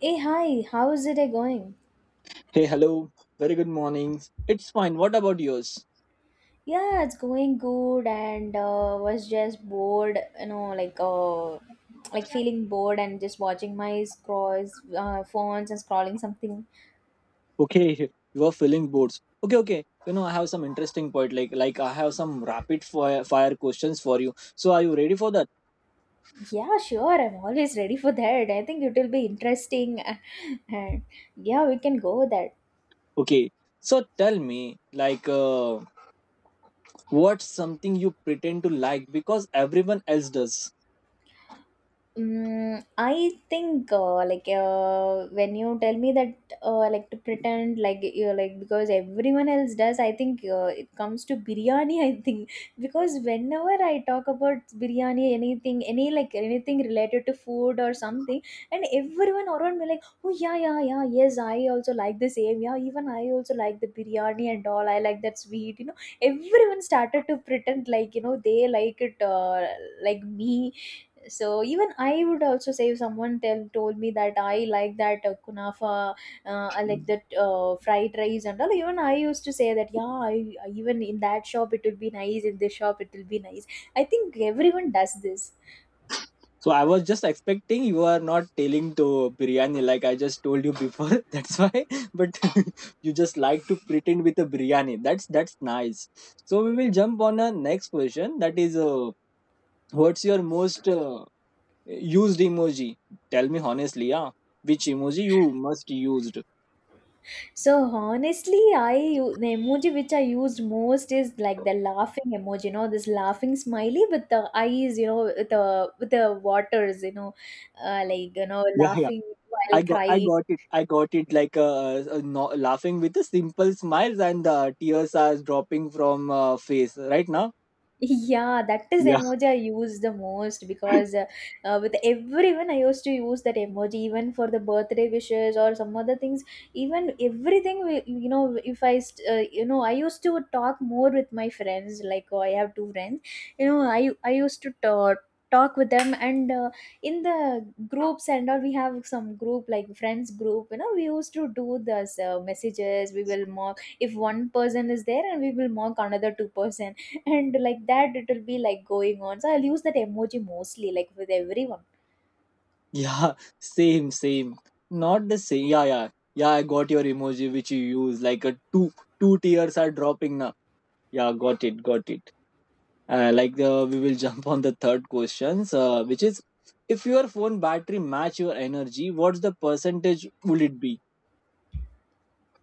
Hey, hi, how is it going? Hey, hello. Very good mornings. It's fine. What about yours? Yeah, it's going good and was just bored, you know, like feeling bored and just watching my scrolls, phones and scrolling something. Okay, you are feeling bored. Okay, okay. You know, I have some interesting point. Like, I have some rapid fire, fire questions for you. So, are you ready for that? Yeah, sure, I'm always ready for that. I think it will be interesting. And yeah, we can go with that. Okay. So, tell me, like, what's something you pretend to like because everyone else does? Mm, I think when you tell me that like to pretend like you're like because everyone else does, I think it comes to biryani, I think. Because whenever I talk about biryani, anything, any like anything related to food or something, and everyone around me like, oh, yeah, yes, I also like the same, yeah, even I also like the biryani and all, I like that sweet, you know, everyone started to pretend like, you know, they like it, like me. So even I would also say if someone tell told me that I like that kunafa, I like that fried rice and all. Even I used to say that, yeah, even in that shop it will be nice, in this shop it will be nice. I think everyone does this. So I was just expecting you are not telling to biryani like I just told you before. That's why, but you just like to pretend with a biryani. That's nice. So we will jump on a next question. That is, what's your most used emoji? Tell me honestly, yeah. Which emoji you must used? So honestly, the emoji which I used most is like the laughing emoji, you know, this laughing smiley with the eyes, you know, with the waters, you know, Yeah, yeah. laughing while I got, I crying. got it. I got it. Like no, laughing with a simple smiles and tears are dropping from face right now. Yeah, that is the Yeah. emoji I use the most because with everyone I used to use that emoji even for the birthday wishes or some other things. Even everything, we, you know, if I, st- you know, I used to talk more with my friends. Like, oh, I have two friends, you know, I used to talk with them and in the groups and all. We have some group, like friends group, you know, we used to do this messages. We will mock if one person is there and we will mock another two person, and like that it will be like going on. So I'll use that emoji mostly like with everyone. Yeah, same, same. Not the same. Yeah, yeah, yeah. I got your emoji which you use. Like a two tears are dropping now. Yeah, got it, got it. Like the we will jump on the third questions, which is if your phone battery match your energy, what's the percentage would it be?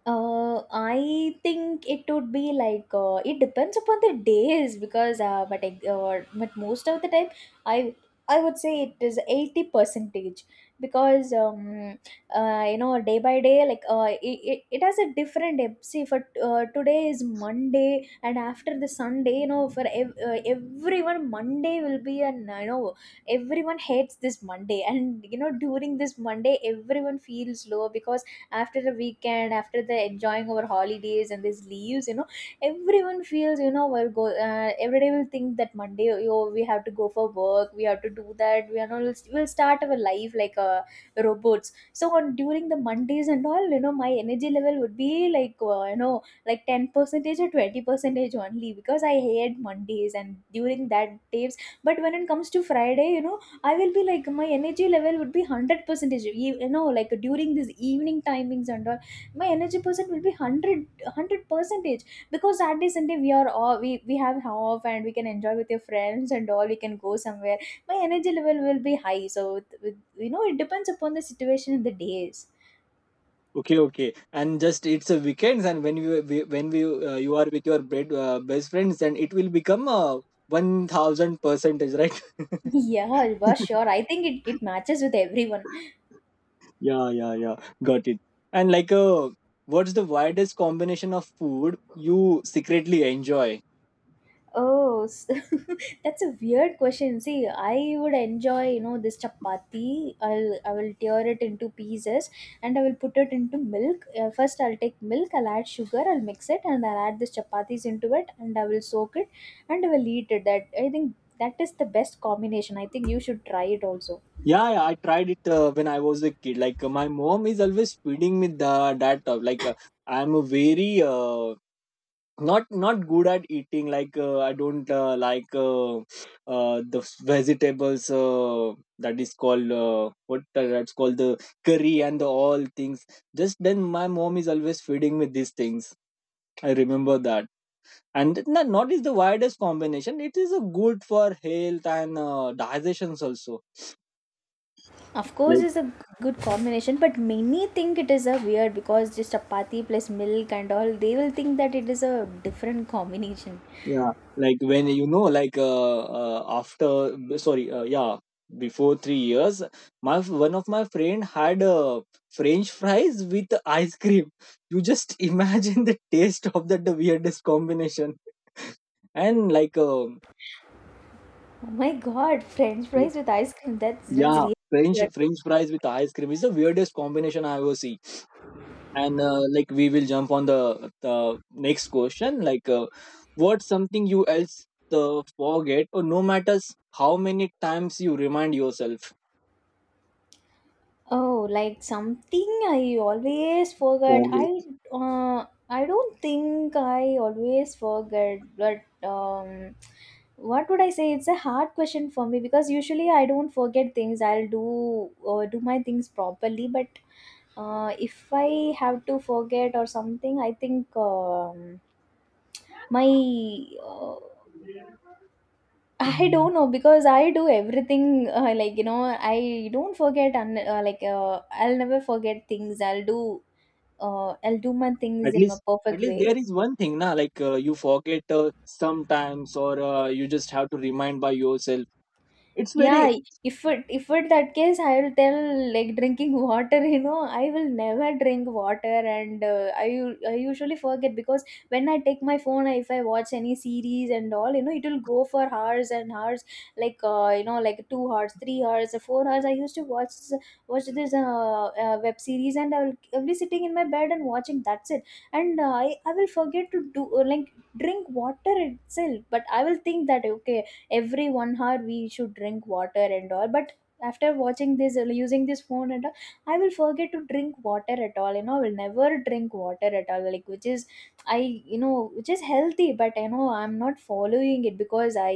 I think it would be like it depends upon the days because but most of the time I I would say it is 80 percentage, because you know, day by day, it has a different day. See, for today is Monday and after the Sunday, you know, for everyone Monday will be an you know, everyone hates this Monday, and you know during this Monday everyone feels low because after the weekend, after the enjoying our holidays and these leaves, you know, everyone feels, you know, we'll go every day we'll think that Monday, oh, we have to go for work, we have to do that, we are not, we'll start our life like robots so on during the Mondays and all. You know my energy level would be like like 10 percentage or 20 percentage only because I hate Mondays and during that days. But when it comes to Friday, you know, I will be like my energy level would be 100 percentage. You, you know, like during these evening timings and all, my energy percent will be hundred percentage, because Saturday Sunday we are all we have off and we can enjoy with your friends and all. We can go somewhere. My energy level will be high. So you know, it depends upon the situation and the days. Okay, okay. And just it's a weekends, and when we you are with your bed, best friends, then it will become a 1000 percentage, right? Yeah, Alva, sure. I think it matches with everyone. Yeah, yeah, yeah. Got it. And like, what's the widest combination of food you secretly enjoy? Oh, that's a weird question. See, I would enjoy, you know, this chapati. I will tear it into pieces and I will put it into milk. First, I'll take milk. I'll add sugar. I'll mix it and I'll add this chapatis into it and I will soak it and I will eat it. That I think that is the best combination. I think you should try it also. Yeah, yeah. I tried it when I was a kid. Like, my mom is always feeding me the that. I'm a very not good at eating. Like, I don't the vegetables. That is called what that's called the curry and the all things. Just then, my mom is always feeding me these things. I remember that. And not is the widest combination, it is a good for health and digestions also Of course, like. it's a good combination, but many think it is a weird because just chapati plus milk and all. They will think that it is a different combination. Yeah, like when you know like after sorry yeah, before 3 years my one of my friend had french fries with ice cream. You just imagine the taste of that, the weirdest combination. And like Oh my God, French y- fries with ice cream. That's yeah, really french good. french fries with ice cream is the weirdest combination I ever see. And like we will jump on the next question, like what's something you else forget or no matters how many times you remind yourself Oh, like something I always forget. Forget. I don't think I always forget, but um, what would I say? It's a hard question for me because usually I don't forget things. I'll do do my things properly, but if I have to forget or something, I think my uh, I don't know because I do everything like you know I don't forget and I'll never forget things. I'll do my things At in a least, at perfect least way. there is one thing na, like you forget sometimes or you just have to remind by yourself. It's very. Yeah, if it that case, I will tell like drinking water. You know, I will never drink water, and I usually forget because when I take my phone, if I watch any series and all, you know, it will go for hours and hours. Like like 2 hours, 3 hours, 4 hours. I used to watch this web series, and I'll be sitting in my bed and watching. That's it, and I will forget to do like drink water itself. But I will think that okay every 1 hour we should drink water and all. But after watching this using this phone and all, I will forget to drink water at all. You know, I will never drink water at all, like, which is, I you know, which is healthy, but you know I'm not following it because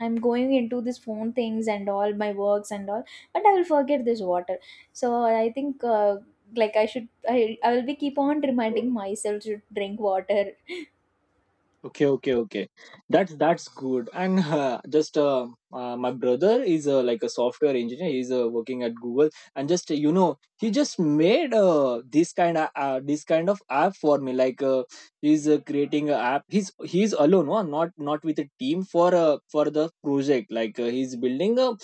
I'm going into this phone things and all my works and all, but I will forget this water. So I think like I should, I will be keep on reminding myself to drink water. Okay, okay, okay. That's good. And just my brother is like a software engineer. He's working at Google, and just you know, he just made this kind of app for me. Like he's creating an app. He's alone, huh? Not with a team for the project. Like he's building a.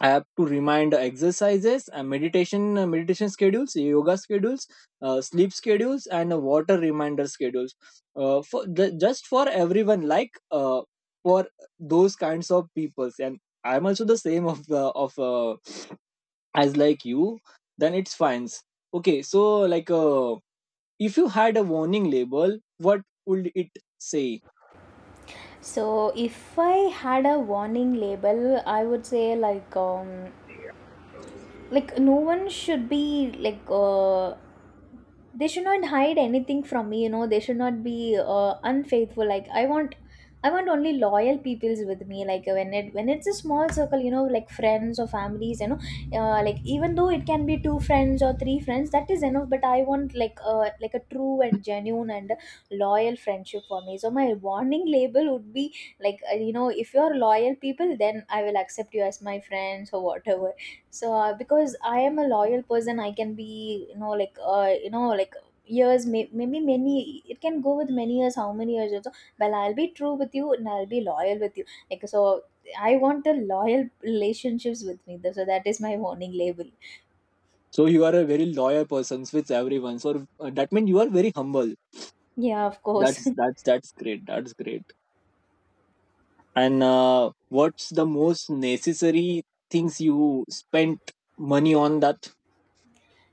I have to remind exercises, meditation, meditation schedules, yoga schedules, sleep schedules, and water reminder schedules. Just for everyone, like for those kinds of peoples, and I'm also the same of the of as like you. Then it's fine. Okay, so like if you had a warning label, what would it say? So if I had a warning label, I would say like no one should be like they should not hide anything from me, you know, they should not be unfaithful. Like I want, I want only loyal peoples with me, like when it's a small circle, you know, like friends or families, you know, like even though it can be two friends or three friends, that is enough. But I want like a true and genuine and loyal friendship for me. So my warning label would be like you know, if you're loyal people, then I will accept you as my friends or whatever. So because I am a loyal person, I can be, you know, like years, maybe many it can go with many years, how many years also, well, I'll be true with you and I'll be loyal with you like. So I want the loyal relationships with me. So that is my warning label. So you are a very loyal person with everyone. So that means you are very humble. Yeah, of course. That's that's that's great. That's great. And what's the most necessary things you spent money on that?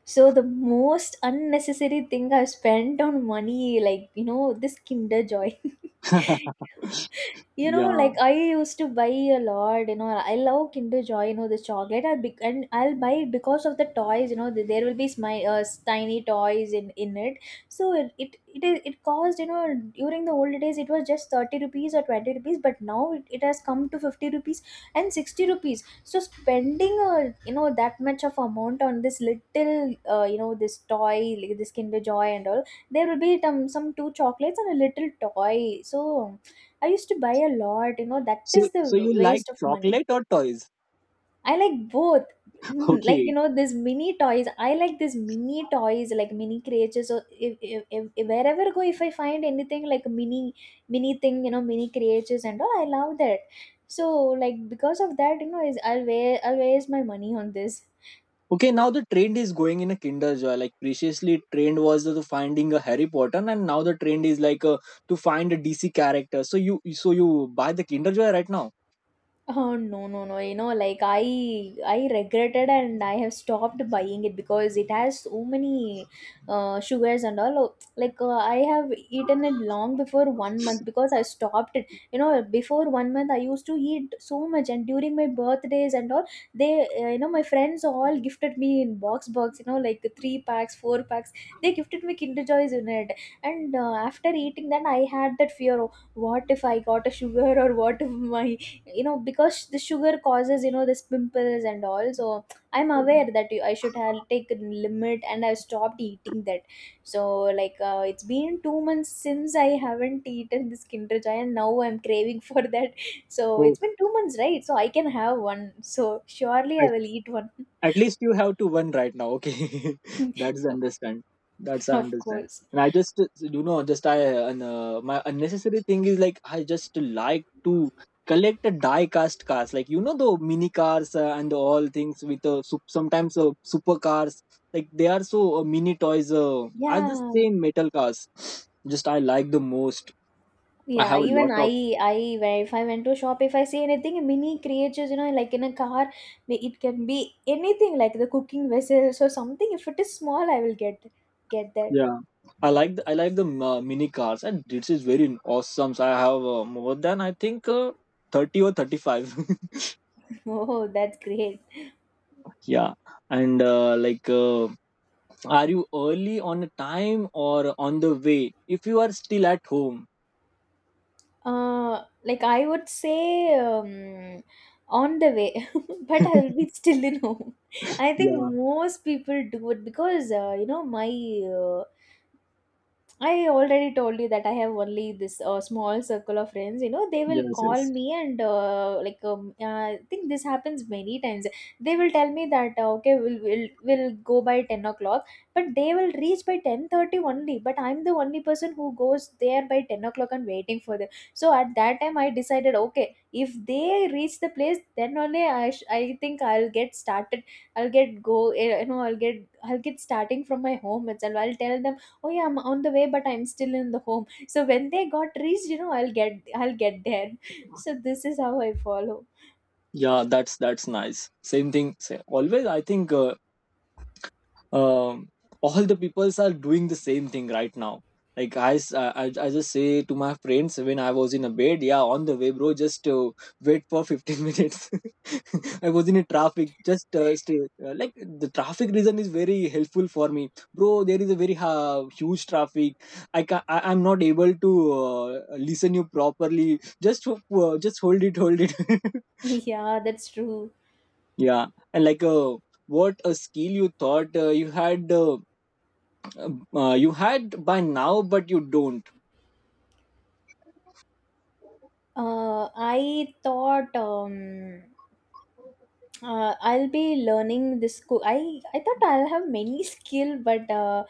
So the most unnecessary thing I've spent on money, like, you know, this Kinder Joy. You know, Yeah, like I used to buy a lot. You know, I love Kinder Joy. You know, the chocolate. And I'll buy it because of the toys. You know, the, there will be my tiny toys in it. So it cost, you know, during the old days it was just 30 rupees or 20 rupees, but now it has come to 50 rupees and 60 rupees. So spending a, you know, that much of amount on this little you know, this toy like this Kinder Joy and all, there will be some two chocolates and a little toy. So I used to buy a lot, you know, that so is the so you like waste of money. chocolate or toys? I like both. Like, you Okay, know, these mini toys. I like these mini toys, like mini creatures. So if wherever I go, if I find anything like a mini thing, you know, mini creatures and all, I love that. So like because of that, you know, is I'll waste my money on this. okay. Now the trend is going in a kinder joy, like previously trend was the finding a Harry Potter, and now the trend is like to find a DC character. So you, so you buy the kinder joy right now? Oh, no. You know, like I regretted and I have stopped buying it because it has so many sugars and all. Oh, like I have eaten it long before 1 month because I stopped it. You know, before 1 month I used to eat so much, and during my birthdays and all they you know, my friends all gifted me in box, you know, like three packs, four packs, they gifted me Kinder Joys in it. And after eating that I had that fear, oh, what if I got a sugar or what if my, you know, because the sugar causes, you know, this pimples and all. So I'm aware that I should have taken limit and I stopped eating that. So like, it's been 2 months since I haven't eaten this Kinder Joy and now I'm craving for that. So Oh. it's been 2 months, right? So I can have one, so surely I will eat one. At least you have to win right now. Okay, that's understand. That's I Of understand. course. And I just, you know, just I, my unnecessary thing is like I just like to collect a die cast cars, like you know the mini cars and all things with sometimes super cars. Like they are so mini toys. Are the Yeah. same metal cars. Just I like the most. I Yeah, have a even lot of. I, if I went to a shop, if I see anything, mini creatures, you know, like in a car, it can be anything, like the cooking vessels or something. If it is small, I will get that. Yeah, I like the mini cars, and this is very awesome. So I have more than I think 30 or 35. Oh, that's great. Yeah, and are you early on a time or on the way? If you are still at home. Like I would say, on the way, but I will be still in home. I think Yeah. most people do it because you know, my uh, I already told you that I have only this small circle of friends. You know, they will Yes. call Yes. me and like I think this happens many times. They will tell me that okay, we'll go by 10 o'clock, but they will reach by 10:30 only. But I'm the only person who goes there by 10 o'clock and waiting for them. So at that time, I decided, okay, if they reach the place, then only I think I'll get started. I'll get go. Eh, You know, I'll get starting from my home itself. I'll tell them, oh yeah, I'm on the way, but I'm still in the home. So when they got reached, you know, I'll get there. So this is how I follow. Yeah, that's nice. Same thing. Say, always, I think um, all the peoples are doing the same thing right now. Like I, s- I just say to my friends when I was in a bed, yeah, on the way bro, just wait for 15 minutes. I was in a traffic, just stay like. The traffic reason is very helpful for me bro, there is a very huge traffic. I'm not able to uh, listen you properly. Just just hold it, hold it. Yeah, that's true. Yeah. And like what a skill you thought you had by now but you don't? uh I thought, I'll be learning this. I thought I'll have many skill, but uh,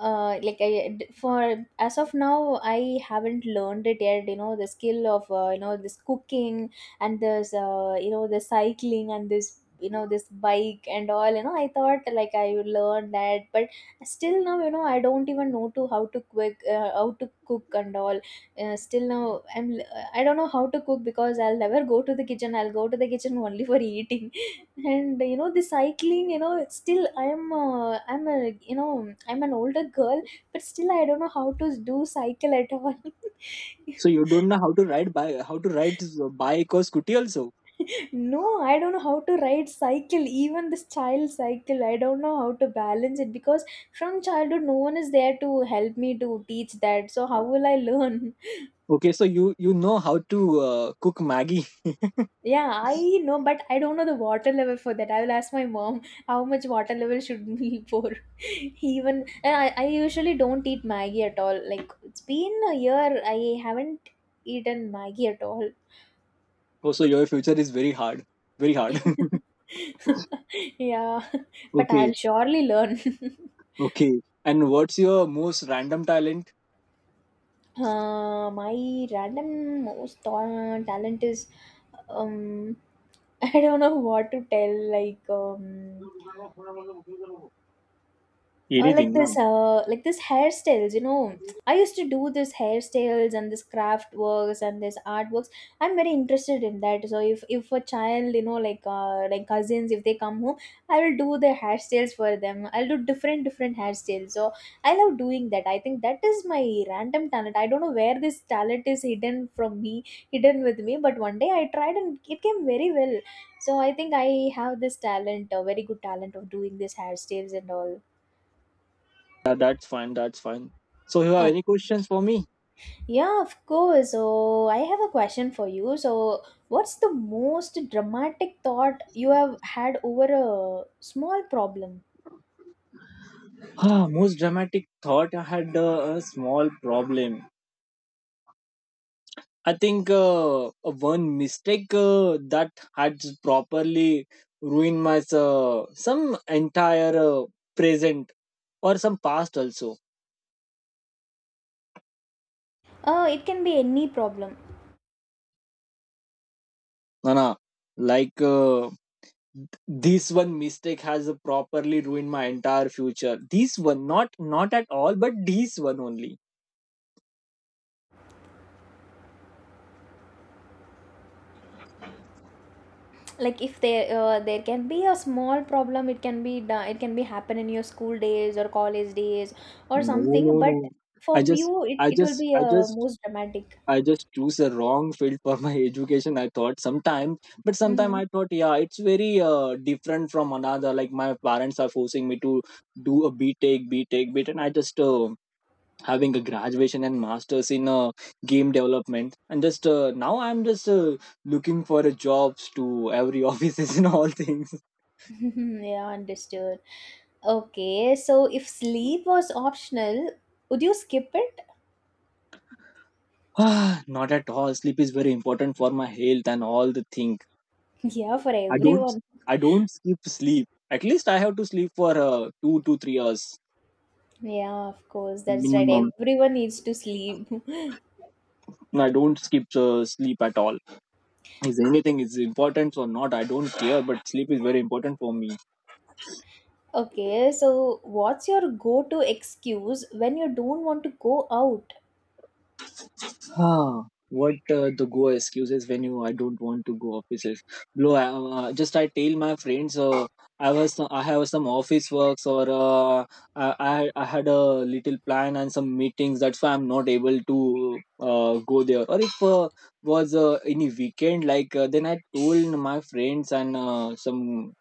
uh, like for as of now, I haven't learned it yet. You know, the skill of you know, this cooking and this you know, the cycling and this, you know, this bike and all. You know, I thought like I would learn that, but still now, you know, I don't even know to how to quick how to cook and all. Still now I don't know how to cook because I'll never go to the kitchen. I'll go to the kitchen only for eating. And you know the cycling, you know it's still I'm a, you know, I'm an older girl, but still I don't know how to do cycle at all. So you don't know how to ride by, how to ride bike or scooty also? No, I don't know how to ride cycle. Even this child cycle I don't know how to balance it, because from childhood no one is there to help me to teach that, so how will I learn? Okay, so you know how to cook maggie? Yeah, I know, but I don't know the water level for that. I will ask my mom how much water level should we pour. Even and I usually don't eat Maggie at all. Like it's been a year, I haven't eaten Maggie at all. Also, your future is very hard, very hard. Yeah, but Okay, I'll surely learn. okay. And what's your most random talent? Uh, my random talent is, um, I don't know what to tell. Like, Anything no? Like this hairstyles, you know, I used to do this hairstyles and this craft works and this artworks. I'm very interested in that, so if a child, you know, like cousins, if they come home, I will do their hairstyles for them. I'll do different different hairstyles. So I love doing that. I think that is my random talent. I don't know where this talent is hidden from me, hidden with me, but one day I tried and it came very well. So I think I have this talent, a very good talent of doing these hairstyles and all. That- that's fine, that's fine. So you have Oh. any questions for me? Yeah, of course. So I have a question for you. So, what's the most dramatic thought you have had over a small problem? Ah, most dramatic thought I had a small problem. I think one mistake that had properly ruined my some entire present or some past also. It can be any problem. Nana, like this one mistake has properly ruined my entire future. This one, not not at all, but this one only. Like if there there can be a small problem, it can be done, it can be happen in your school days or college days or No, something. no, But no. for I just, you, I it will just, be I just most dramatic. I just choose a wrong field for my education. I thought sometime, but sometime I thought, yeah, it's very different from another. Like my parents are forcing me to do a B a BTEC, BTEC, BTEC, and I just having a graduation and masters in game development, and just now I'm just looking for a jobs to every offices and all things. Mm-hmm. Yeah, understood. Okay, so if sleep was optional, would you skip it? Not at all. Sleep is very important for my health and all the thing. Yeah, for I don't, everyone. I don't skip sleep. At least I have to sleep for 2 to 3 hours Yeah, of course. That's right. minimum. Everyone needs to sleep. I don't skip sleep at all. Is anything is important or not, I don't care, but sleep is very important for me. Okay, so what's your go-to excuse when you don't want to go out? Ah, what the go excuses when you I don't want to go offices. Bro just I tell my friends I was, I have some office works or I had a little plan and some meetings, that's why I'm not able to go there. Or if was any weekend, like then I told my friends and some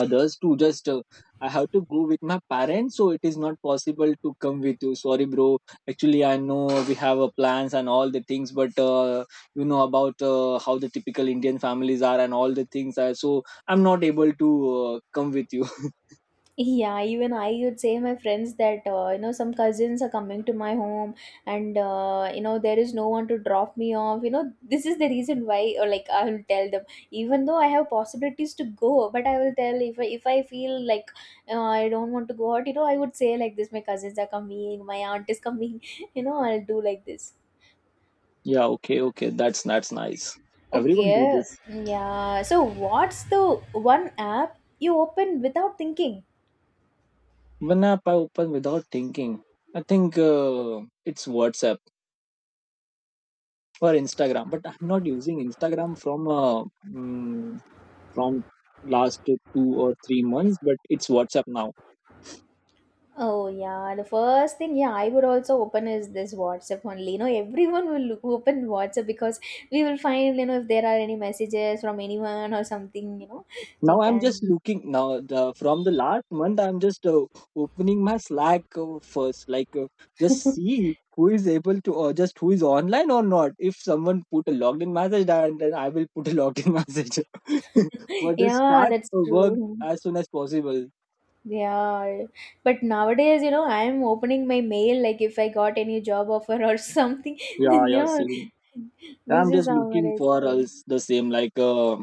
others to just I have to go with my parents, so it is not possible to come with you, sorry bro. Actually I know we have a plans and all the things, but you know about how the typical indian families are and all the things, so I'm not able to come with you. Yeah, even I would say my friends that you know, some cousins are coming to my home and you know, there is no one to drop me off. You know, this is the reason why. Or like I will tell them even though I have possibilities to go, but I will tell if if I feel like I don't want to go out, you know, I would say like this, my cousins are coming, my aunt is coming, you know, I'll do like this. Yeah, okay, okay, that's nice. Everyone do Okay, this. yeah. So, what's the one app you open without thinking? When app I open without thinking? I think it's whatsapp or instagram, but I'm not using instagram from a from last 2 or 3 months, but it's WhatsApp now. Oh, yeah. The first thing, yeah, I would also open is this WhatsApp only. You know, everyone will open WhatsApp because we will find, you know, if there are any messages from anyone or something. Now Like, I'm just and looking now the from the last month I'm just opening my Slack first, like just see who is able to or just who is online or not. If someone put a logged in message, then I will put a logged in message. But just yeah, start that's work true. as soon as possible. Yeah, but nowadays, you know, I'm opening my mail, like if I got any job offer or something, Yeah, then, you yeah, know, same. this I'm is just how it looking is for going. us the same like.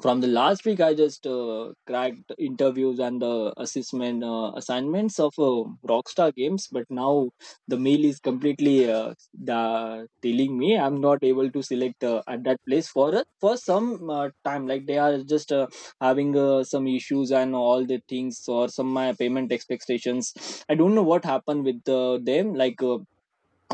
From the last week, I just cracked interviews and the assessment assignments of Rockstar Games, but now the mail is completely telling me I'm not able to select at that place for a for some time. Like, they are just having some issues and all the things, or some my payment expectations. I don't know what happened with them. Like,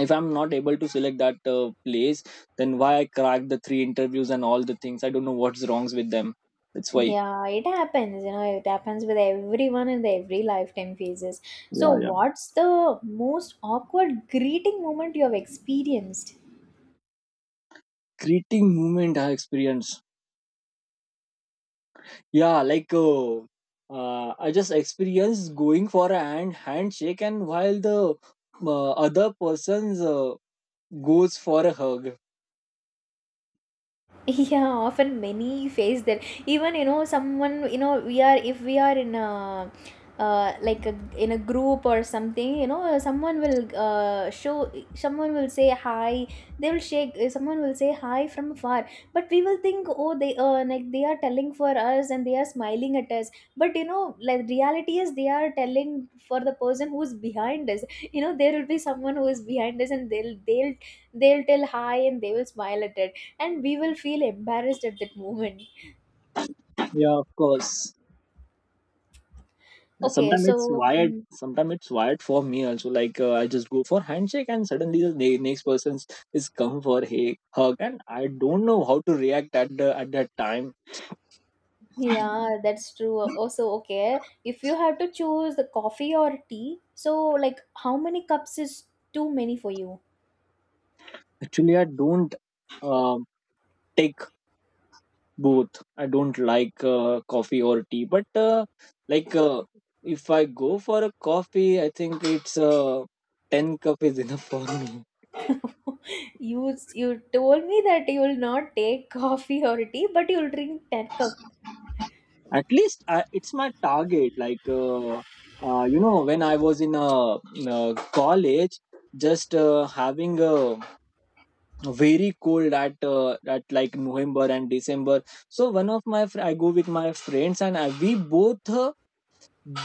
if I'm not able to select that place, then why I cracked the three interviews and all the things? I don't know what's wrongs with them, that's why. Yeah, it happens, you know, it happens with everyone in their every lifetime phases. So, Yeah, yeah. what's the most awkward greeting moment you have experienced? Creating movement I experienced. Yeah, I just experienced going for a handshake, and while the other person's goes for a hug. Yeah, often many face that. Even you know someone, you know, we are if we are in a like a, in a group or something, you know, someone will show someone will say hi, they will shake, someone will say hi from far, but we will think, oh they, like they are telling for us and they are smiling at us, but you know, like reality is they are telling for the person who's behind us. You know, there will be someone who is behind us and they'll tell hi and they will smile at it, and we will feel embarrassed at that moment. Yeah, of course. Okay, Sometimes it's so, wired, mm, sometimes it's wired for me also. Like, I just go for handshake and suddenly the next person is come for a hug, and I don't know how to react at the at that time. yeah, that's true also. Okay, if you have to choose the coffee or tea, so like how many cups is too many for you? Actually, I don't um take both. I don't like coffee or tea, but like uh, if I go for a coffee, I think it's 10 cups cup is enough for me. You told me that you will not take coffee or tea, but you'll drink 10 cups. At least it's my target. You know, when I was in in a college, just having a very cold at like November and December. So one of my I go with my friends, and we both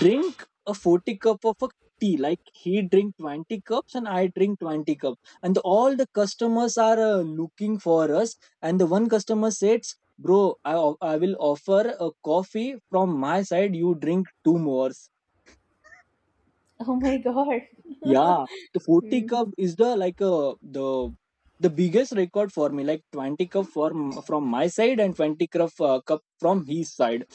drink a 40 cups cup of a tea. Like, he drink 20 cups and I drink 20 cups cup, and all the customers are looking for us. And the one customer says, bro, I will offer a coffee from my side, you drink two more. Oh my god. Yeah. The 40 cups Mm. cup is the the biggest record for me. Like, 20 cups cup from my side and 20 cups cup, cup from his side.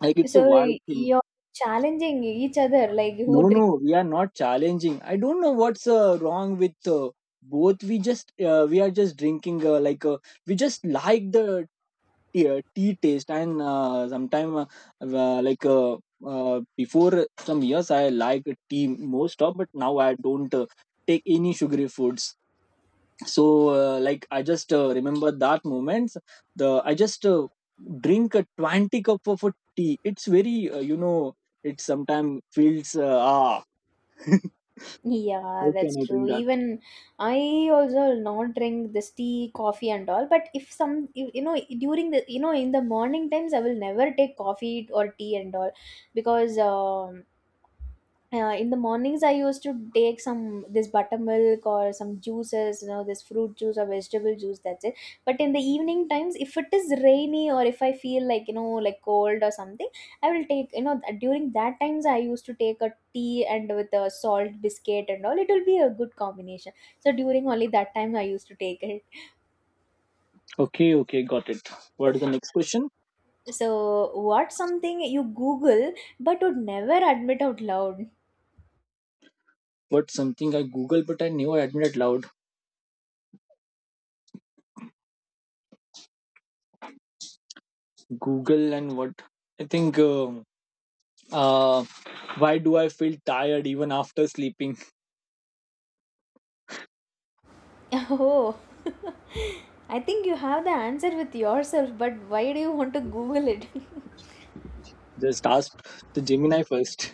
Like, it's So a wild thing. you're challenging each other, like who No, drinks? no, we are not challenging. I don't know what's wrong with both. We just we are just drinking, we just like the tea taste. And sometime like before some years I like tea most of, but now I don't take any sugary foods. So like, I just remember that moments. The I just drink a 20 cup of a tea. It's very you know. It sometimes feels ah. How Yeah, can that's I bring true. that? Even I also will not drink this tea, coffee, and all. But if some, you know, during the, you know, in the morning times, I will never take coffee or tea and all, because in the mornings I used to take some this buttermilk or some juices, you know, this fruit juice or vegetable juice, that's it. But in the evening times, if it is rainy or if I feel like, you know, like cold or something, I will take, you know, during that times I used to take a tea and with a salt biscuit and all, it will be a good combination. So during only that time I used to take it. Okay, okay, got it. What is the next question? So what something you google but would never admit out loud? What's something I Google but I never admit it loud? Google and what? I think. Uh, why do I feel tired even after sleeping? Oh. I think you have the answer with yourself, but why do you want to Google it? Just ask the Gemini first.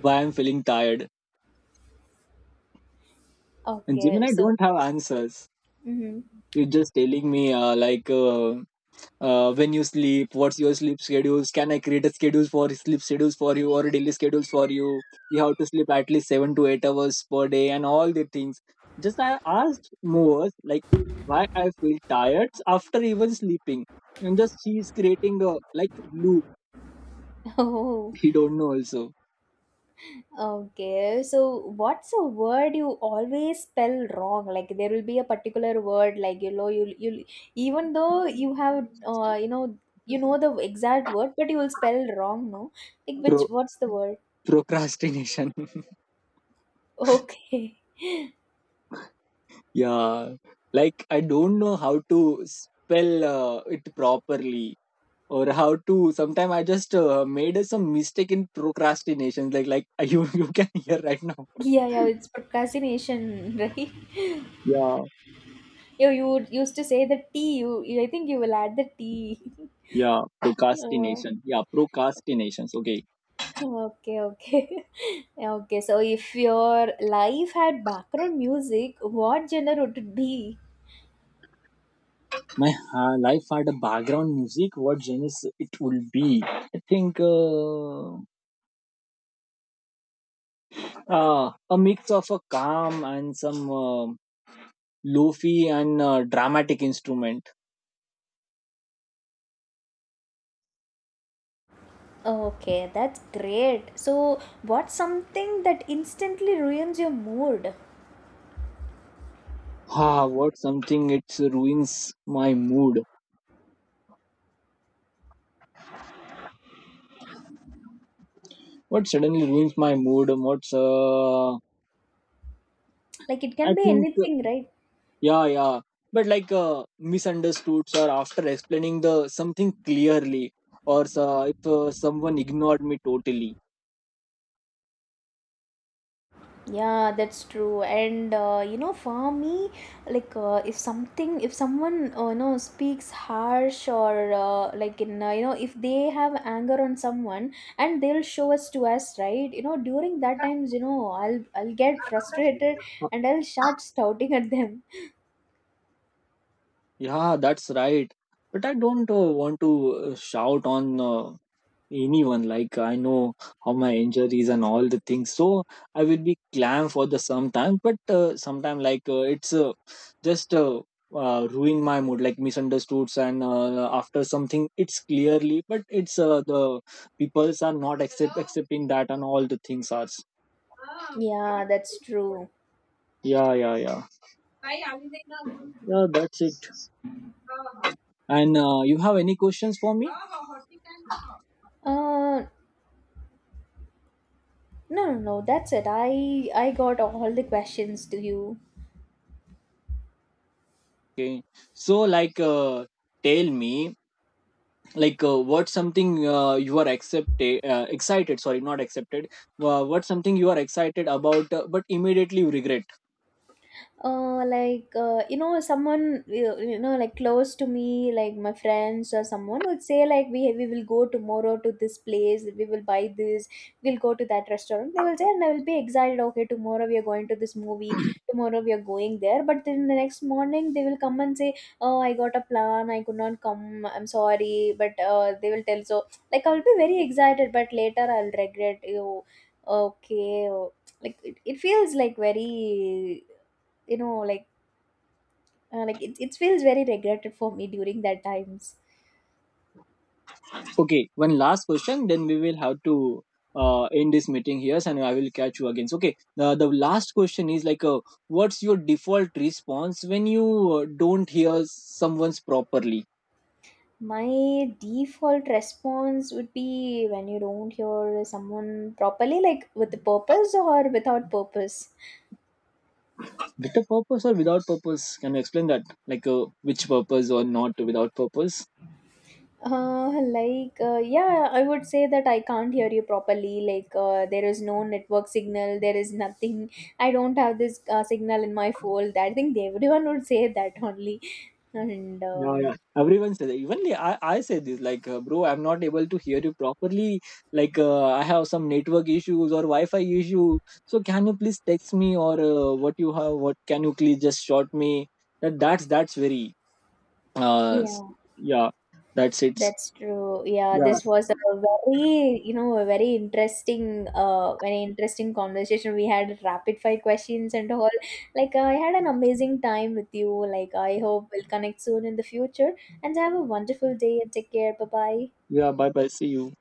Why I'm feeling tired? And Okay, Gemini so, don't have answers. mhm. You're just telling me when you sleep, what's your sleep schedules? Can I create a schedule for sleep schedules for you or daily schedules for you? You have to sleep at least 7 to 8 hours per day and all the things. Just I asked more, like, why I feel tired after even sleeping? And just she is creating a, like, loop. Oh, He don't know also. okay. So what's a word you always spell wrong? Like there will be a particular word, like you know, you even though you have you know the exact word, but you will spell wrong, no? Like which, Pro- what's the word? Procrastination. Okay. yeah, like, I don't know how to spell it properly, or how to. Sometimes I just made some mistake in procrastination. Like, you can hear right now. Yeah, yeah, it's procrastination, right? Yeah, You would used to say the tea. You I think you will add the tea. yeah, Uh, procrastination. Yeah, procrastinations, okay. okay, okay, okay. So, if your life had background music, what genre would it be? My life had a background music, what genres it will be? I think, uh, a mix of a calm and some lofi and dramatic instrument. Okay, that's great. So, what's something that instantly ruins your mood? Ah, what something it ruins my mood? What suddenly ruins my mood? What's Like it I can be think, anything, right? yeah, yeah. But, misunderstoods, or after explaining the something clearly. Or so, if someone ignored me totally. Yeah, that's true. And you know, for me, like if something, if someone you know, speaks harsh or like in you know, if they have anger on someone and they'll show us to us, right, you know, during that times, you know, I'll get frustrated Uh, and I'll start shouting at them. yeah, that's right. But I don't want to shout on anyone. Like, I know how my injuries and all the things, so I will be clam for the sometime. But sometime like it's just ruin my mood, like misunderstoods. And after something it's clearly, but it's the peoples are not accepting that and all the things are. Yeah, that's true. Yeah, yeah, yeah. Yeah, that's it. And you have any questions for me? Uh, no, no, no, that's it. I got all the questions to you. Okay, so tell me, what's something you are accepted excited, sorry, not accepted. What's something you are excited about but immediately you regret? Uh, like you know, someone you know, like close to me, like my friends or someone would say, like, we will go tomorrow to this place, we will buy this, we'll go to that restaurant, they will say, and I will be excited, okay, tomorrow we are going to this movie, tomorrow we are going there. But then the next morning they will come and say, oh I got a plan, I could not come, I'm sorry, but they will tell. So like I'll be very excited, but later I'll regret you. Okay, oh, it feels like very, you know, like it feels very regretted for me during that times. Okay, one last question, then we will have to end this meeting here, and I will catch you again. So, okay, the last question is what's your default response when you don't hear someone's properly? My default response would be when you don't hear someone properly, like with the purpose or without purpose? With a purpose or without purpose, can you explain that? Like, which purpose or not without purpose? Uh, like yeah, I would say that I can't hear you properly, like there is no network signal, there is nothing, I don't have this signal in my phone. I think everyone would say that only. And Yeah, yeah, everyone says that. Even I say this, like, bro, I'm not able to hear you properly. Like, I have some network issues or Wi-Fi issue. So can you please text me, or what you have? What can you please just short me? That's that's very uh s- yeah. yeah. That's it. That's true. Yeah, Yeah, this was a very, you know, a very interesting conversation. We had rapid fire questions and all. Like, I had an amazing time with you. Like, I hope we'll connect soon in the future. And have a wonderful day and take care. Bye bye. yeah. Bye bye. See you.